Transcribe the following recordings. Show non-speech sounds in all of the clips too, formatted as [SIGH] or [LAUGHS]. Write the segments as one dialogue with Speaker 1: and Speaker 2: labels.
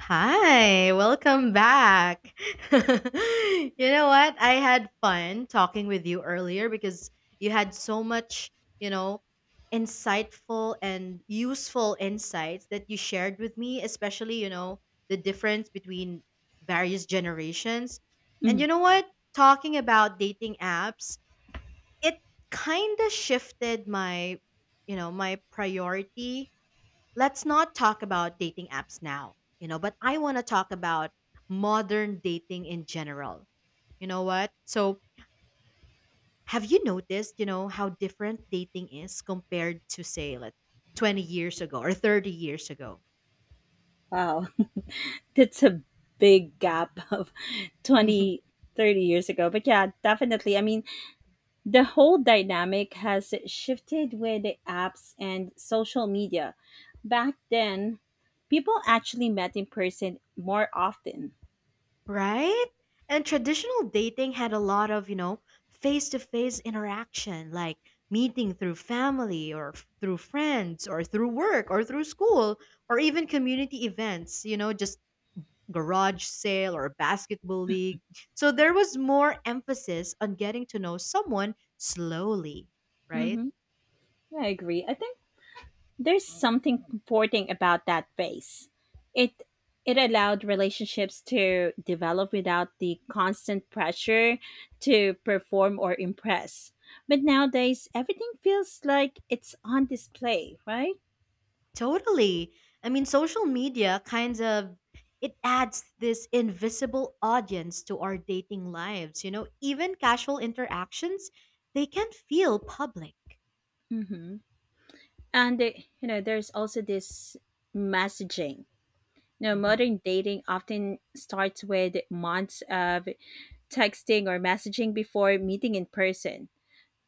Speaker 1: Hi, welcome back. [LAUGHS] You know what? I had fun talking with you earlier because you had so much, you know, insightful and useful insights that you shared with me, especially, the difference between various generations. And
Speaker 2: Mhm.
Speaker 1: you know what? Talking about dating apps, it kind of shifted my priority. Let's not talk about dating apps now, but I want to talk about modern dating in general. You know what? So, have you noticed, how different dating is compared to, say, like 20 years ago or 30 years ago?
Speaker 2: Wow. [LAUGHS] That's a big gap of
Speaker 1: [LAUGHS]
Speaker 2: 20, 30 years ago. But yeah, definitely. I mean, the whole dynamic has shifted with the apps and social media. Back then, people actually met in person more often.
Speaker 1: Right? And traditional dating had a lot of, face to face interaction, like meeting through family or through friends or through work or through school or even community events, just garage sale or a basketball league. So there was more emphasis on getting to know someone slowly, right?
Speaker 2: Hmm. I agree. I think there's something comforting about that phase. It it allowed relationships to develop without the constant pressure to perform or impress. But nowadays, everything feels like it's on display, right?
Speaker 1: Totally. I mean, social media kind of it adds this invisible audience to our dating lives, even casual interactions, they can feel public.
Speaker 2: Mm-hmm. And there's also this messaging. You know,
Speaker 1: Mhm.
Speaker 2: modern dating often starts with months of texting or messaging before meeting in person.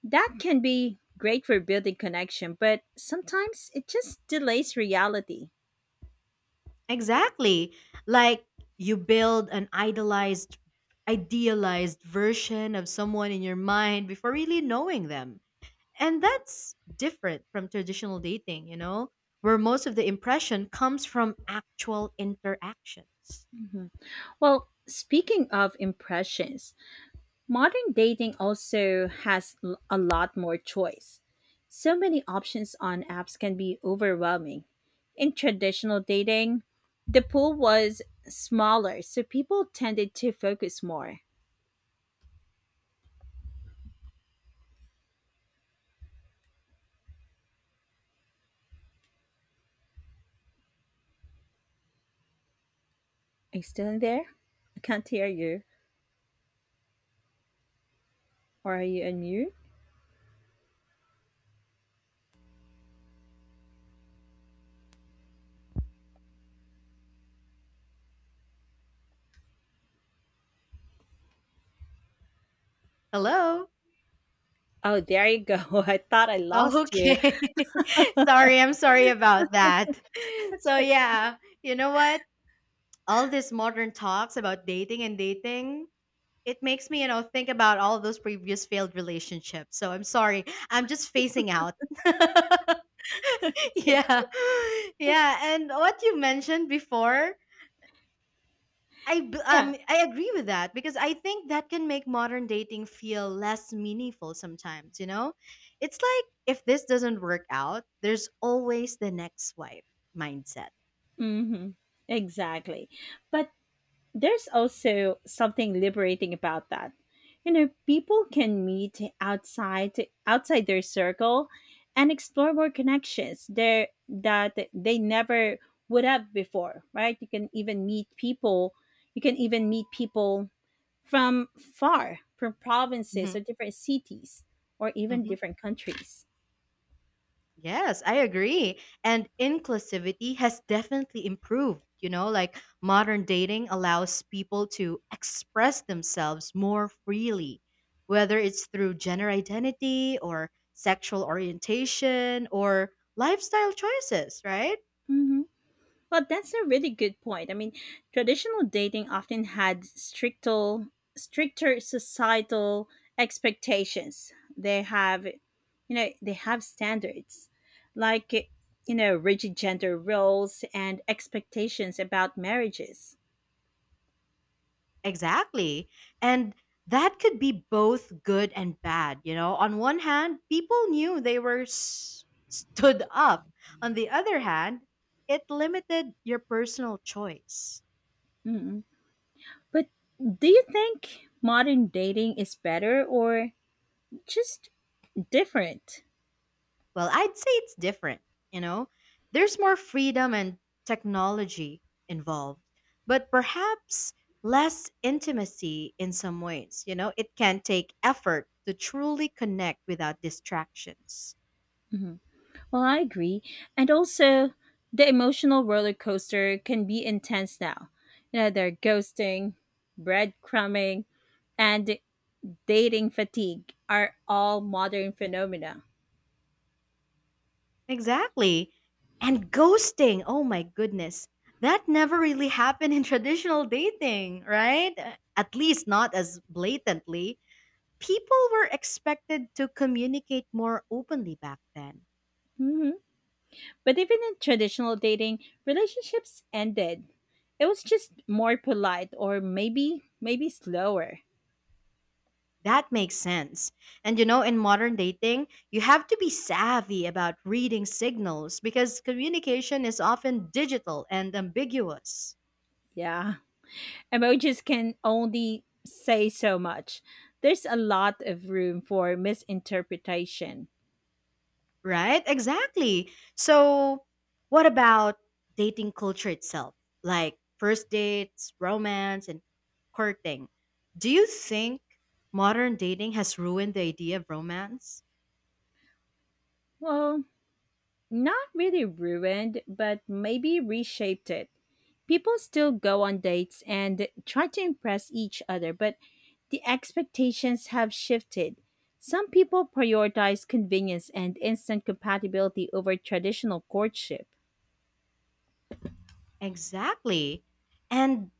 Speaker 2: That can be great for building connection, but sometimes it just delays reality.
Speaker 1: Exactly. Like you build an idolized idealized version of someone in your mind before really knowing them. And that's different from traditional dating, where most of the impression comes from actual interactions.
Speaker 2: Well, speaking of impressions, modern dating also has a lot more choice. So many options on apps can be overwhelming. In traditional dating, the pool was smaller, so people tended to focus more. Are you still in there? I can't hear you. Or are you on mute?
Speaker 1: Hello?
Speaker 2: Oh, there you go. [LAUGHS] I thought I
Speaker 1: Oh,
Speaker 2: lost you.
Speaker 1: okay. [LAUGHS] I'm sorry about that. [LAUGHS] So,
Speaker 2: [LAUGHS]
Speaker 1: yeah, you know what? All this modern talks about dating, it makes me think about all those previous failed relationships. So, I'm sorry. I'm just phasing out. [LAUGHS]
Speaker 2: It's okay.
Speaker 1: yeah. Yeah. And what you mentioned before, I b-
Speaker 2: Yeah.
Speaker 1: um I agree with that because I think that can make modern dating feel less meaningful sometimes. It's like if this doesn't work out, there's always the next swipe mindset.
Speaker 2: Hmm. Exactly. But there's also something liberating about that. You know, people can meet outside their circle and explore more connections there that they never would have before, right? You can even meet people you can even meet people from far, from provinces or
Speaker 1: Mhm.
Speaker 2: different cities or even
Speaker 1: Mhm.
Speaker 2: different countries.
Speaker 1: Yes, I agree. And inclusivity has definitely improved. Like modern dating allows people to express themselves more freely, whether it's through gender identity or sexual orientation or lifestyle choices, right?
Speaker 2: Mhm. Well, that's a really good point. I mean, traditional dating often had stricter societal expectations. They have standards, like rigid gender roles and expectations about marriages.
Speaker 1: Exactly. And that could be both good and bad. On one hand, people knew they were stood up. On the other hand, it limited your personal choice.
Speaker 2: Mm. But do you think modern dating is better or just different?
Speaker 1: Well, I'd say it's different. You know, there's more freedom and technology involved, but perhaps less intimacy in some ways. It can take effort to truly connect without distractions.
Speaker 2: Mm-hmm. Well, I agree. And also, the emotional roller coaster can be intense now. Their ghosting, breadcrumbing, and dating fatigue are all modern phenomena.
Speaker 1: Exactly. And ghosting. Oh my goodness. That never really [LAUGHS] happened in traditional dating, right? At least not as blatantly. People were expected to communicate more openly back then.
Speaker 2: Mhm. But even in traditional dating, relationships ended. It was just more polite or maybe slower.
Speaker 1: That makes sense. And in modern dating, you have to be savvy about reading signals because communication is often digital and ambiguous.
Speaker 2: Yeah. Emojis can only say so much. There's a lot of room for misinterpretation.
Speaker 1: Right? Exactly. So, what about dating culture itself? Like first dates, romance, and courting. Do you think modern dating has ruined the idea of romance?
Speaker 2: Well, not really ruined, but maybe reshaped it. People still go on dates and try to impress each other, but the expectations have shifted. Some people prioritize convenience and instant compatibility over traditional courtship.
Speaker 1: Exactly. And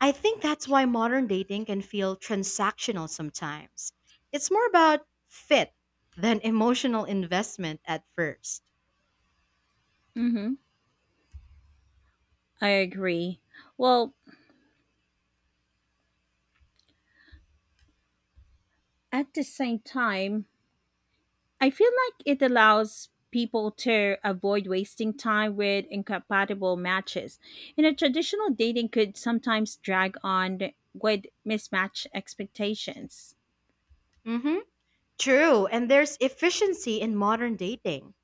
Speaker 1: I think that's why modern dating can feel transactional sometimes. It's more about fit than [LAUGHS] emotional investment at first.
Speaker 2: Hmm. I agree. Well, at the same time, I feel like it allows people to avoid wasting time with incompatible matches. Traditional dating could sometimes drag on with mismatched expectations.
Speaker 1: Mm-hmm. True. And there's efficiency in modern dating.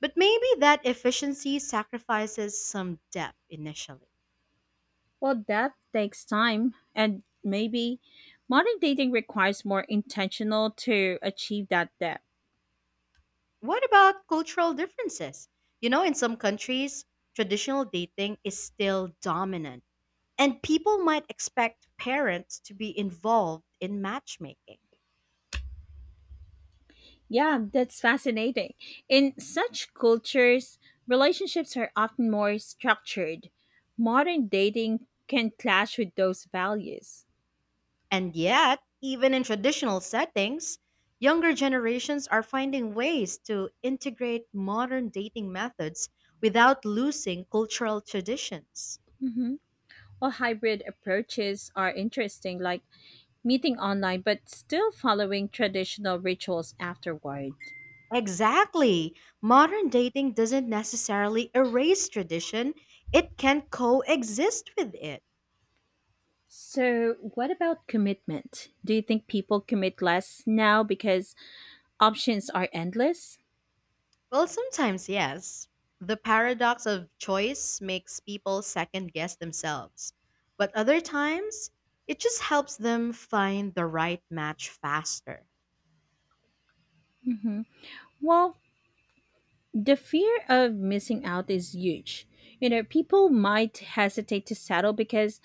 Speaker 1: But maybe that efficiency sacrifices some depth initially.
Speaker 2: Well, that takes time, and maybe modern dating requires more intentional to achieve that depth.
Speaker 1: What about cultural differences? In some countries, traditional dating is still dominant, and people might expect parents to be involved in matchmaking.
Speaker 2: Yeah, that's fascinating. In such cultures, relationships are often more structured. Modern dating can clash with those values.
Speaker 1: And yet, even in traditional settings, younger generations are finding ways to integrate modern dating methods without losing cultural traditions.
Speaker 2: Mhm. Well, hybrid approaches are interesting, like meeting online but still following traditional rituals afterward.
Speaker 1: Exactly. Modern dating doesn't necessarily erase tradition, it can coexist with it.
Speaker 2: So, what about commitment? Do you think people commit less now because options are endless?
Speaker 1: Well, sometimes, yes. The paradox of choice makes people second guess themselves. But other times, it just helps them find the right match faster.
Speaker 2: hmm Well, the fear of missing out is huge. People might hesitate to settle because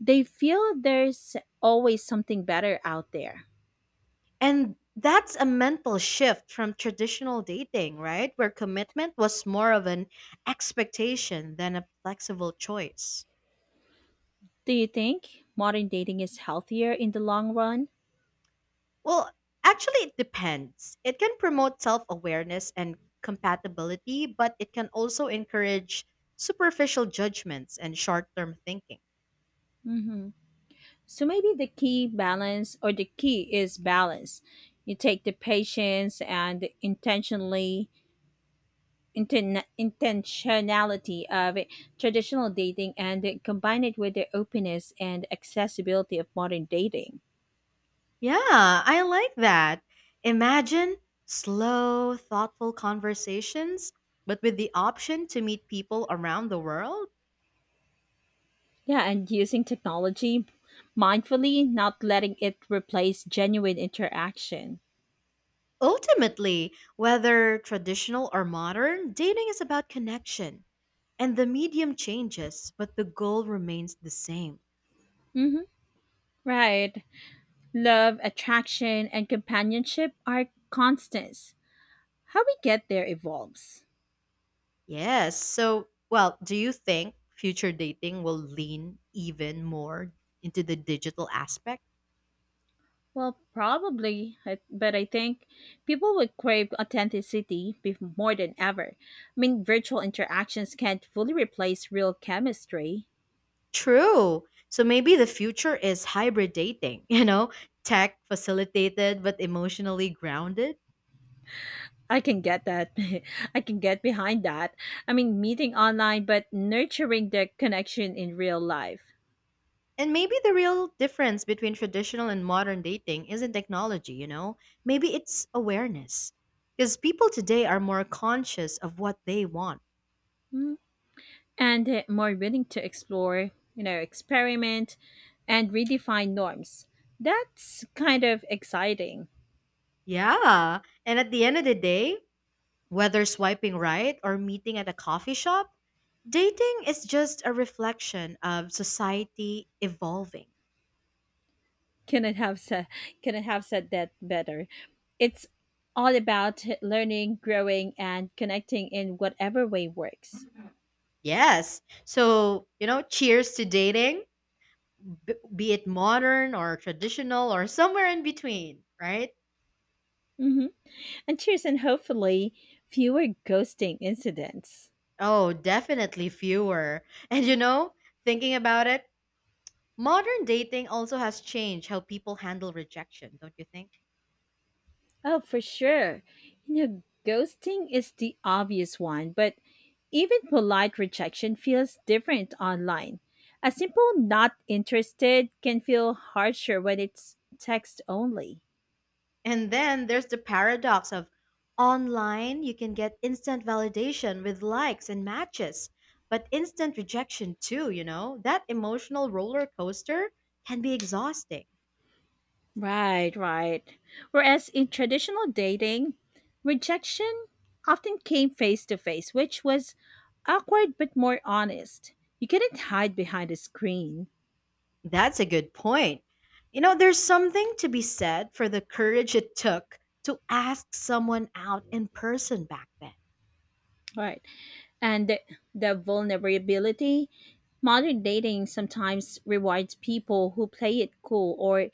Speaker 2: they feel there's always something better out there.
Speaker 1: And that's a mental shift from traditional dating, right? Where commitment was more of an expectation than a flexible choice.
Speaker 2: Do you think modern dating is healthier in the long run?
Speaker 1: Well, actually, it depends. It can promote self awareness and compatibility, but it can also encourage superficial judgments and short term thinking.
Speaker 2: hmm So maybe the key balance or the key is balance. You take the patience and intentionality of traditional dating and combine it with the openness and accessibility of modern dating.
Speaker 1: Yeah, I like that. Imagine slow, thoughtful conversations, but with the option to meet people around the world.
Speaker 2: Yeah, and using technology mindfully, not letting it replace genuine interaction.
Speaker 1: Ultimately, whether traditional or modern, dating is about connection. And the medium changes, but the goal remains the same.
Speaker 2: Mm-hmm. Right. Love, attraction, and companionship are constants. How we get there evolves.
Speaker 1: Yes. So, well, do you think future dating will lean even more into the digital aspect?
Speaker 2: Well, probably, but I think people would crave authenticity more than ever. I mean, virtual interactions can't fully replace real chemistry.
Speaker 1: True. So maybe the future is hybrid dating, [LAUGHS] tech facilitated but emotionally grounded.
Speaker 2: I can get that. [LAUGHS] I can get behind that. I mean, meeting online, but nurturing the connection in real life.
Speaker 1: And maybe the real difference between traditional and modern dating isn't technology. Maybe it's awareness. Because people today are more conscious of what they want.
Speaker 2: Mm, And more willing to explore, experiment and redefine norms. That's kind of exciting.
Speaker 1: Yeah. And at the end of the day, whether swiping right or meeting at a coffee shop, dating is just a reflection of society evolving.
Speaker 2: Can it have said? Can it have said that better? It's all about learning, growing, and connecting in whatever way works.
Speaker 1: Yes. So, cheers to dating, be it modern or traditional or somewhere in between, right?
Speaker 2: hmm And cheers, and hopefully fewer ghosting incidents.
Speaker 1: Oh, definitely fewer. [LAUGHS] And thinking about it, modern dating also has changed how people handle rejection, don't you think?
Speaker 2: Oh, for sure. Ghosting is the obvious one, but even polite rejection feels different online. A simple not interested can feel harsher when it's text only.
Speaker 1: And then there's the paradox of online, you can get instant validation with likes and matches, but instant rejection too. That emotional roller coaster can be exhausting.
Speaker 2: Right, right. Whereas in traditional dating, rejection often came face to face, which was awkward but more honest. You couldn't hide behind a screen.
Speaker 1: That's a good point. There's something to be said for the courage it took to ask someone out in person back then.
Speaker 2: Right. And the vulnerability. Modern dating sometimes rewards people who play it cool or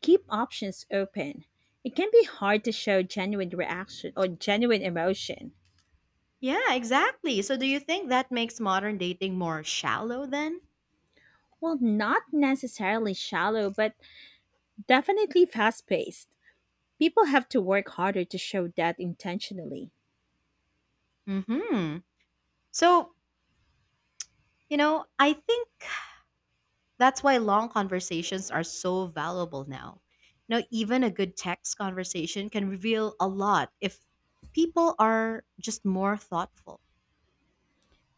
Speaker 2: keep options open. It can be hard to show genuine reaction or genuine emotion.
Speaker 1: Yeah, exactly. So do you think that makes modern dating more shallow then?
Speaker 2: Well, not necessarily shallow, but definitely fast paced. People have to work harder to show that intentionally.
Speaker 1: Mhm. So, I think that's why long conversations are so valuable now. Now, even a good text conversation can reveal a lot if people are just more thoughtful.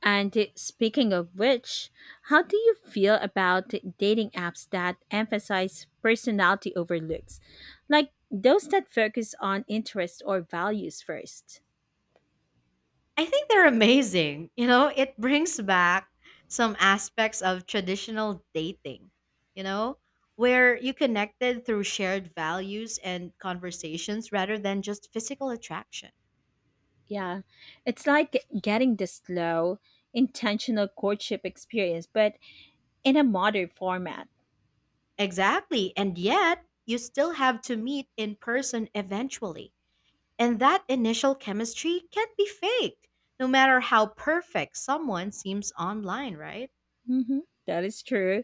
Speaker 2: And speaking of which, how do you feel about dating apps that emphasize personality over looks? Like those that focus on interests or values first.
Speaker 1: I think they're amazing. It brings back some aspects of traditional dating, you know, where you connected through shared values and conversations rather than just physical attraction.
Speaker 2: Yeah, it's like getting the slow, intentional courtship experience, but in a modern format.
Speaker 1: Exactly. And yet, you still have to meet in person eventually. And that initial chemistry can't be faked, no matter how perfect someone seems online, right?
Speaker 2: Mhm. That is true.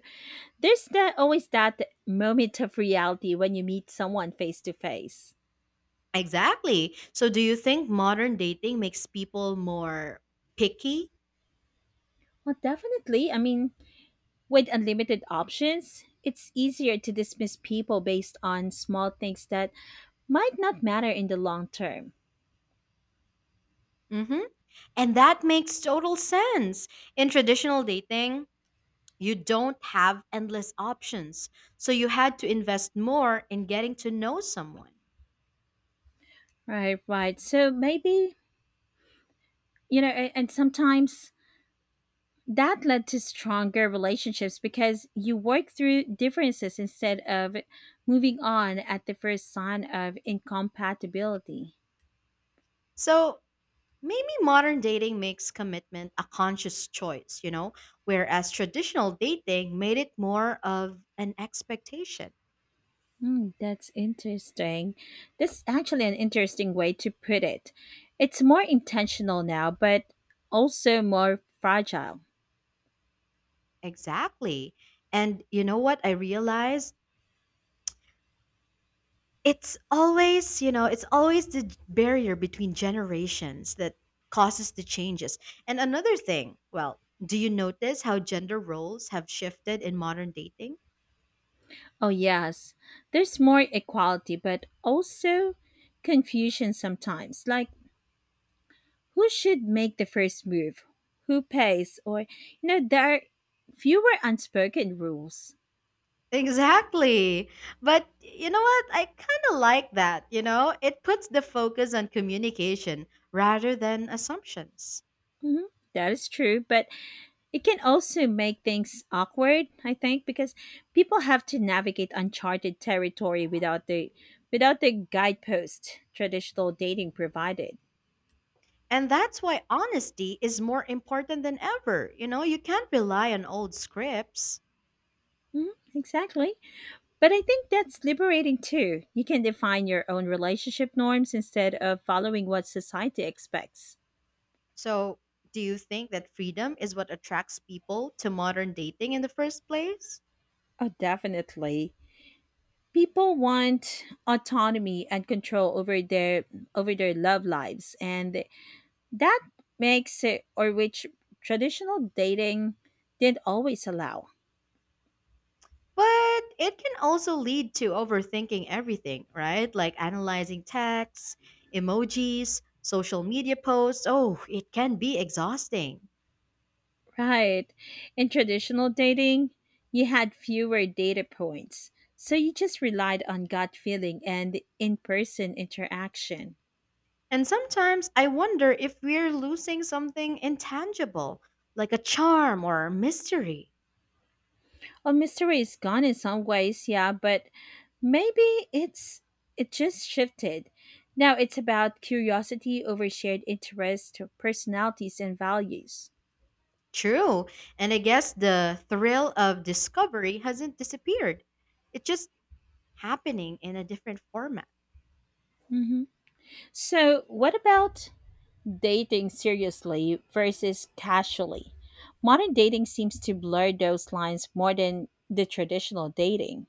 Speaker 2: There's that, always that moment of reality when you meet someone face to face.
Speaker 1: Exactly. So, do you think modern dating makes people more picky?
Speaker 2: Well, definitely. I mean, with unlimited options, it's easier to dismiss people based on small things that might not matter in the long term.
Speaker 1: hmm And that makes total sense. In traditional dating, you don't have endless options. So, you had to invest more in getting to know someone.
Speaker 2: Right, right. So maybe, and sometimes that led to stronger relationships because you work through differences instead of moving on at the first sign of incompatibility.
Speaker 1: So, maybe modern dating makes commitment a conscious choice, whereas traditional dating made it more of an expectation.
Speaker 2: Mm, that's interesting. That's actually an interesting way to put it. It's more intentional now, but also more fragile.
Speaker 1: Exactly. And you know what I realized? It's always the barrier between generations that causes the changes. And another thing, well, do you notice how gender roles have shifted in modern dating?
Speaker 2: Oh, yes. There's more equality, but also confusion sometimes. Like, who should make the first move? Who pays? Or, there are fewer unspoken rules.
Speaker 1: Exactly. But you know what? I kind of like that. It puts the focus on communication rather than assumptions.
Speaker 2: Mhm, that is true, but it can also make things awkward, I think, because people have to navigate uncharted territory without the guidepost traditional dating provided.
Speaker 1: And that's why honesty is more important than ever. You can't rely on old scripts.
Speaker 2: Mhm, exactly. But I think that's liberating too. You can define your own relationship norms instead of following what society expects.
Speaker 1: So, do you think that freedom is what attracts people to modern dating in the first place?
Speaker 2: Oh, definitely. People want autonomy and control over their love lives and that makes it, or which traditional dating didn't always allow.
Speaker 1: But it can also lead to overthinking everything, right? Like analyzing texts, emojis, social media posts. Oh, it can be exhausting.
Speaker 2: Right. In traditional dating, you had fewer data points, so you just relied on gut feeling and in person interaction.
Speaker 1: And sometimes I wonder if we're losing something intangible, like a charm or mystery.
Speaker 2: Well, mystery is gone in some ways, yeah, but maybe it just shifted. Now it's about curiosity over shared interests, personalities, and values.
Speaker 1: True. And I guess the thrill of discovery hasn't disappeared, it's just happening in a different format.
Speaker 2: hmm So, what about dating seriously versus casually. Modern dating seems to blur those lines more than the traditional dating.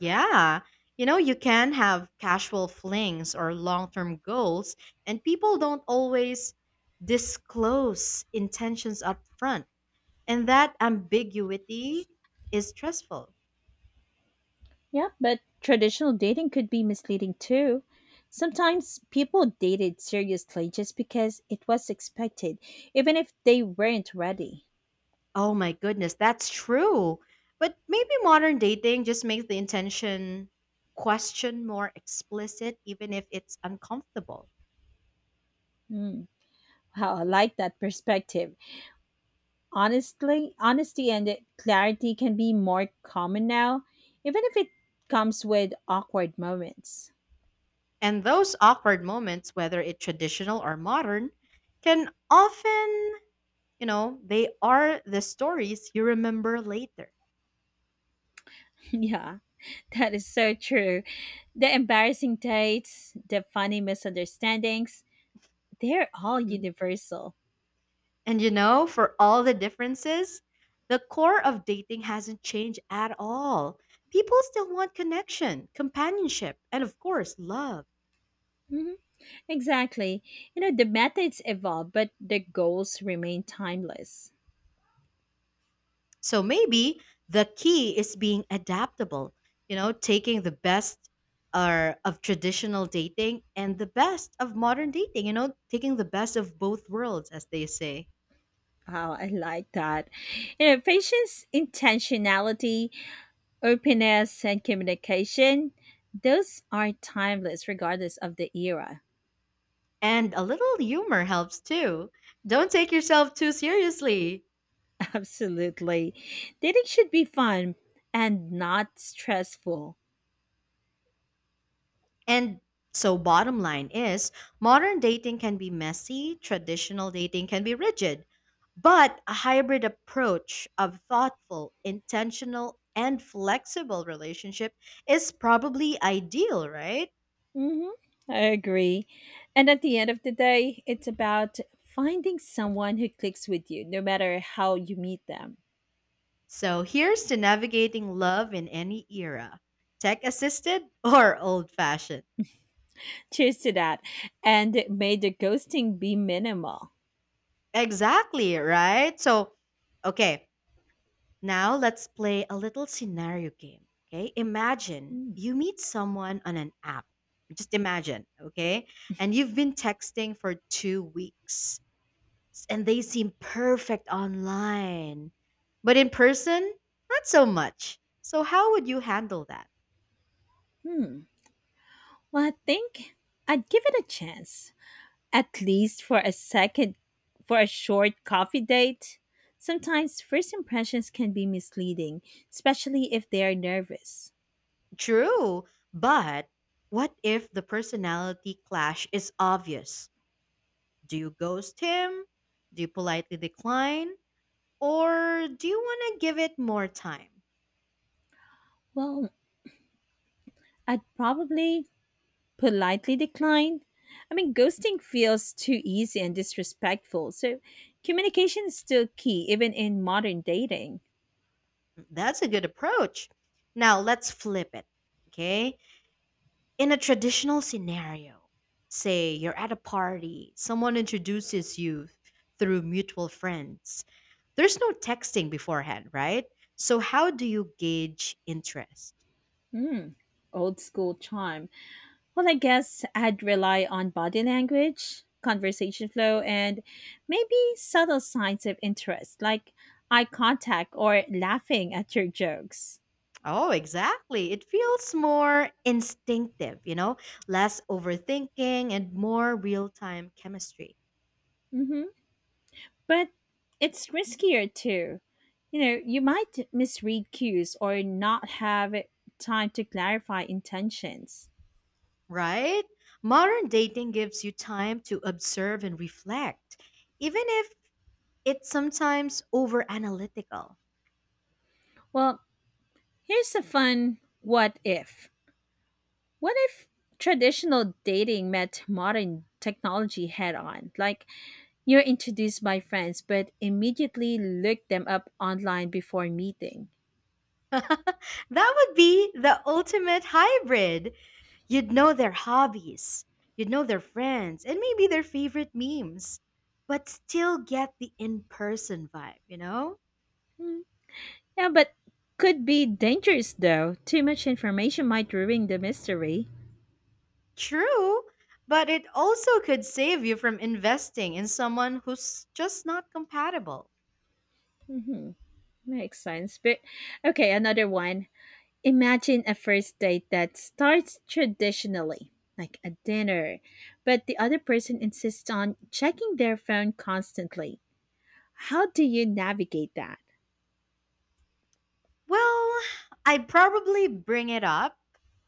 Speaker 1: Yeah. You can have casual flings or long term goals, and people don't always disclose intentions up front. And that ambiguity is stressful.
Speaker 2: Yeah, but traditional dating could be misleading too. Sometimes people dated seriously just because it was expected, even if they weren't ready.
Speaker 1: Oh my goodness, that's true. But maybe modern dating just makes the intention question more explicit, even if it's uncomfortable.
Speaker 2: Mm. Wow, I like that perspective. Honesty and clarity can be more common now, even if it comes with awkward moments.
Speaker 1: And those awkward moments, whether it's traditional or modern, can often they are the stories you remember later.
Speaker 2: Yeah, [LAUGHS] that is so true. The embarrassing dates, the funny misunderstandings, they're all
Speaker 1: Mhm.
Speaker 2: universal.
Speaker 1: And for all the differences, the core of dating hasn't changed at all. People still want connection, companionship, and of course, love.
Speaker 2: Mhm. Exactly. The methods evolve, but the goals remain timeless.
Speaker 1: So maybe the key is being adaptable, taking the best of traditional dating and the best of modern dating, taking the best of both worlds, as they say.
Speaker 2: Oh, I like that. Patience, intentionality, openness, and communication, those are timeless regardless of the era.
Speaker 1: And a little humor helps too. Don't take yourself too seriously.
Speaker 2: [LAUGHS] Absolutely. Dating should be fun and not stressful.
Speaker 1: And so, bottom line is modern dating can be messy, traditional dating can be rigid, but a hybrid approach of thoughtful, intentional, and flexible relationship is probably ideal, right?
Speaker 2: Hmm. I agree. And at the end of the day, it's about finding someone who clicks with you, no matter how you meet them.
Speaker 1: So, here's to navigating love in any era tech assisted [LAUGHS] or old fashioned.
Speaker 2: Cheers to that. And may the ghosting be minimal.
Speaker 1: Exactly, right? So, okay. Now let's play a little scenario game. Okay. Imagine
Speaker 2: Hmm.
Speaker 1: you meet someone on an app. Just imagine. Okay. And you've been texting for 2 weeks and they seem perfect online. But in person, not so much. So how would you handle that?
Speaker 2: Well, I think I'd give it a chance, at least for a second, for a short coffee date. Sometimes first impressions can be misleading, especially if they are nervous.
Speaker 1: True. But what if the personality clash is obvious? Do you ghost him? Do you politely decline? Or do you want to give it more time?
Speaker 2: Well, I'd probably politely decline. I mean, ghosting feels too easy and disrespectful. So, communication is still key, even in modern dating.
Speaker 1: That's a good approach. Now let's flip it. Okay. In a traditional scenario, say you're at a party, someone introduces you through mutual friends. There's no texting beforehand, right? So, how do you gauge interest?
Speaker 2: Hmm, old school charm. Well, I guess I'd rely on body language, conversation flow, and maybe subtle signs of interest, like eye contact or laughing at your jokes.
Speaker 1: Oh, exactly. It feels more instinctive, less overthinking and more real time chemistry.
Speaker 2: Mm-hmm. But it's riskier too. You might misread cues or not have time to clarify intentions.
Speaker 1: Right? Modern dating gives you time to observe and reflect, even if it's sometimes over analytical.
Speaker 2: Well, here's a fun what if. What if traditional dating met modern technology head on? Like, you're introduced by friends, but immediately look them up online before meeting.
Speaker 1: [LAUGHS] That would be the ultimate hybrid. You'd know their hobbies, you'd know their friends, and maybe their favorite memes, but still get the in person vibe.
Speaker 2: Hmm, yeah, but could be dangerous though. Too much information might ruin the mystery.
Speaker 1: True, but it also could save you from investing in someone who's just not compatible.
Speaker 2: Mhm. Makes sense. But okay, another one. Imagine a first date that starts traditionally, like a dinner, but the other person insists on checking their phone constantly. How do you navigate that?
Speaker 1: Well, I'd probably bring it up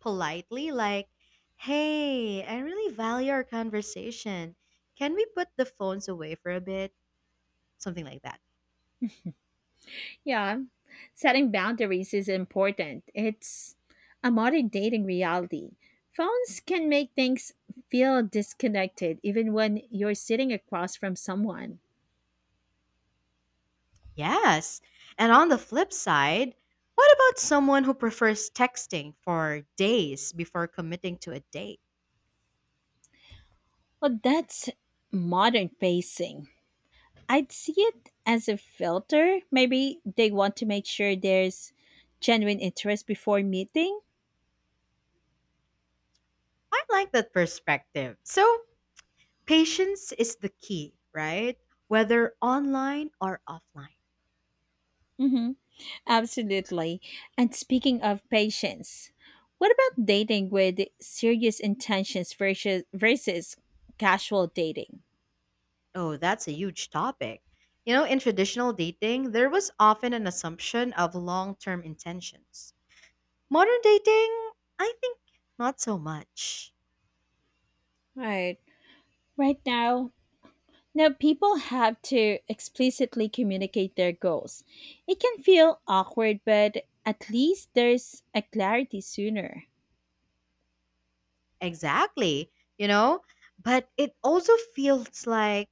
Speaker 1: politely, like, hey, I really value our conversation. Can we put the phones away for a bit? Something like that.
Speaker 2: Yeah, setting boundaries is important. It's a modern dating reality. Phones can make things feel disconnected even when you're sitting across from someone.
Speaker 1: Yes. And on the flip side, what about someone who prefers texting for days before committing to a date?
Speaker 2: Well, that's modern pacing. I'd see it as a filter. Maybe they want to make sure there's genuine interest before meeting.
Speaker 1: I like that perspective. So, patience is the key, right? Whether online or offline.
Speaker 2: Hmm. Absolutely. And speaking of patience, what about dating with serious intentions versus casual dating?
Speaker 1: Oh, that's a huge topic. In traditional dating, there was often an assumption of long term intentions. Modern dating, I think not so much.
Speaker 2: Right. Right now, people have to explicitly communicate their goals. It can feel awkward, but at least there's a clarity sooner.
Speaker 1: Exactly. You know, but it also feels like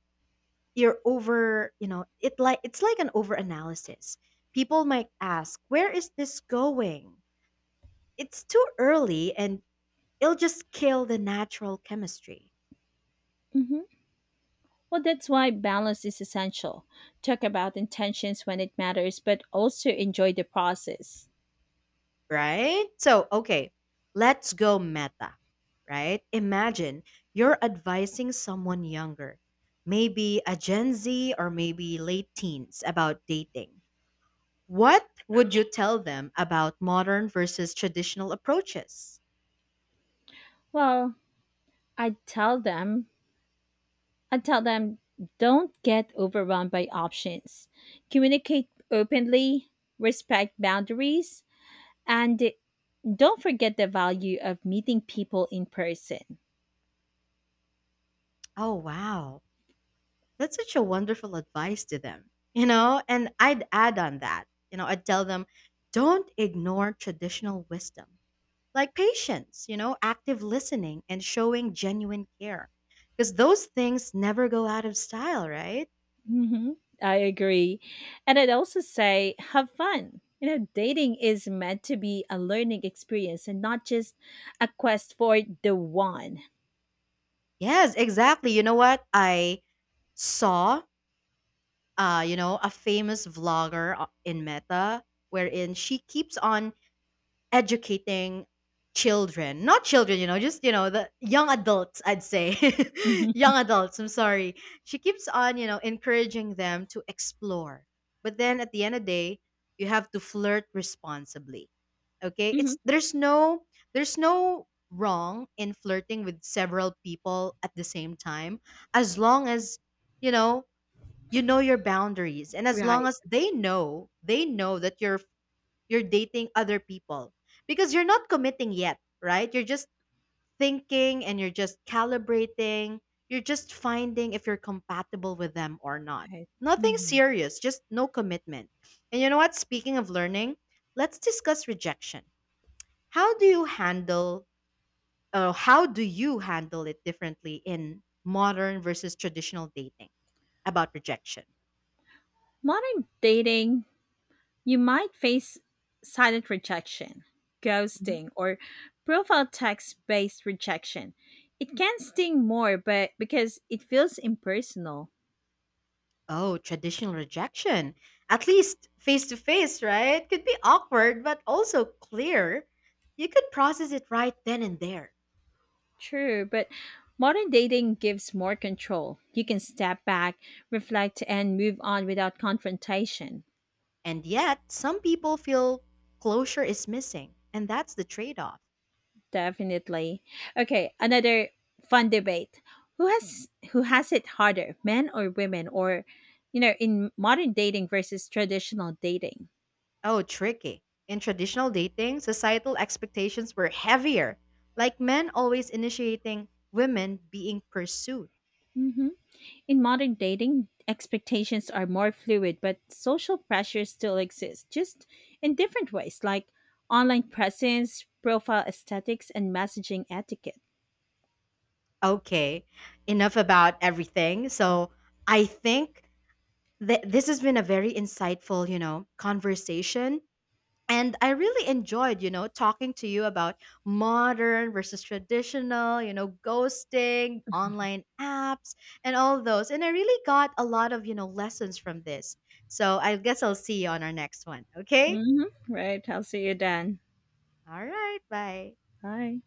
Speaker 1: you're over, it's like an over analysis. People might ask, "Where is this going?" It's too early and it'll just kill the natural chemistry.
Speaker 2: Well, that's why balance is essential. Talk about intentions when it matters, but also enjoy the process.
Speaker 1: Right? So, okay, let's go meta, right? Imagine you're advising someone younger, maybe a Gen Z or maybe late teens, about dating. What would you tell them about modern versus traditional approaches?
Speaker 2: Well, I tell them, I tell them, don't get overwhelmed by options. Communicate openly, respect boundaries, and don't forget the value of meeting people in person.
Speaker 1: Oh, wow. That's such a wonderful advice to them. And I'd add on that, I'd tell them don't ignore traditional wisdom like patience, active listening and showing genuine care. Because those things never go out of style, right?
Speaker 2: Hmm. I agree. And I'd also say have fun. Dating is meant to be a learning experience and not just a quest for the one.
Speaker 1: Yes, exactly. You know what? I saw, a famous vlogger in Meta, wherein she keeps on educating children, not children, just, the young adults, I'd say. [LAUGHS]
Speaker 2: Hmm.
Speaker 1: Young adults, I'm sorry. She keeps on encouraging them to explore, but then at the end of the day, you have to flirt responsibly. Okay,
Speaker 2: Hmm.
Speaker 1: it's there's no, there's no wrong in flirting with several people at the same time, as long as you know you know your boundaries, and as long
Speaker 2: Right.
Speaker 1: as they know that you're dating other people, because you're not committing yet, right? You're just thinking and you're just calibrating. You're just finding if you're compatible with them or not.
Speaker 2: Right.
Speaker 1: Nothing
Speaker 2: hmm
Speaker 1: serious, just no commitment. And you know what? Speaking of learning, let's discuss rejection. How do you handle how do you handle it differently in modern versus traditional dating about rejection?
Speaker 2: Modern dating, you might face silent rejection, ghosting, or profile text based rejection. It can sting more but because it feels impersonal.
Speaker 1: Oh, traditional rejection. At least face to face, right? Could be awkward, but also clear. You could process it right then and there.
Speaker 2: True, but modern dating gives more control. You can step back, reflect and move on without confrontation.
Speaker 1: And yet, some people feel closure is missing, and that's the trade off.
Speaker 2: Definitely. Okay, another fun debate. Who has it harder, men or women or in modern dating versus traditional dating?
Speaker 1: Oh, tricky. In traditional dating, societal expectations were heavier, like men always initiating, women being pursued.
Speaker 2: Mhm. In modern dating, expectations are more fluid, but social pressures still exist, just in different ways, like online presence, profile aesthetics, and messaging etiquette.
Speaker 1: Okay, enough about everything. So, I think this has been a very insightful, conversation. And I really enjoyed, talking to you about modern versus traditional, ghosting, online apps, and all those. And I really got a lot of, lessons from this. So I guess I'll see you on our next one. Okay.
Speaker 2: Hmm. Right. I'll see you then.
Speaker 1: All right. Bye.
Speaker 2: Bye.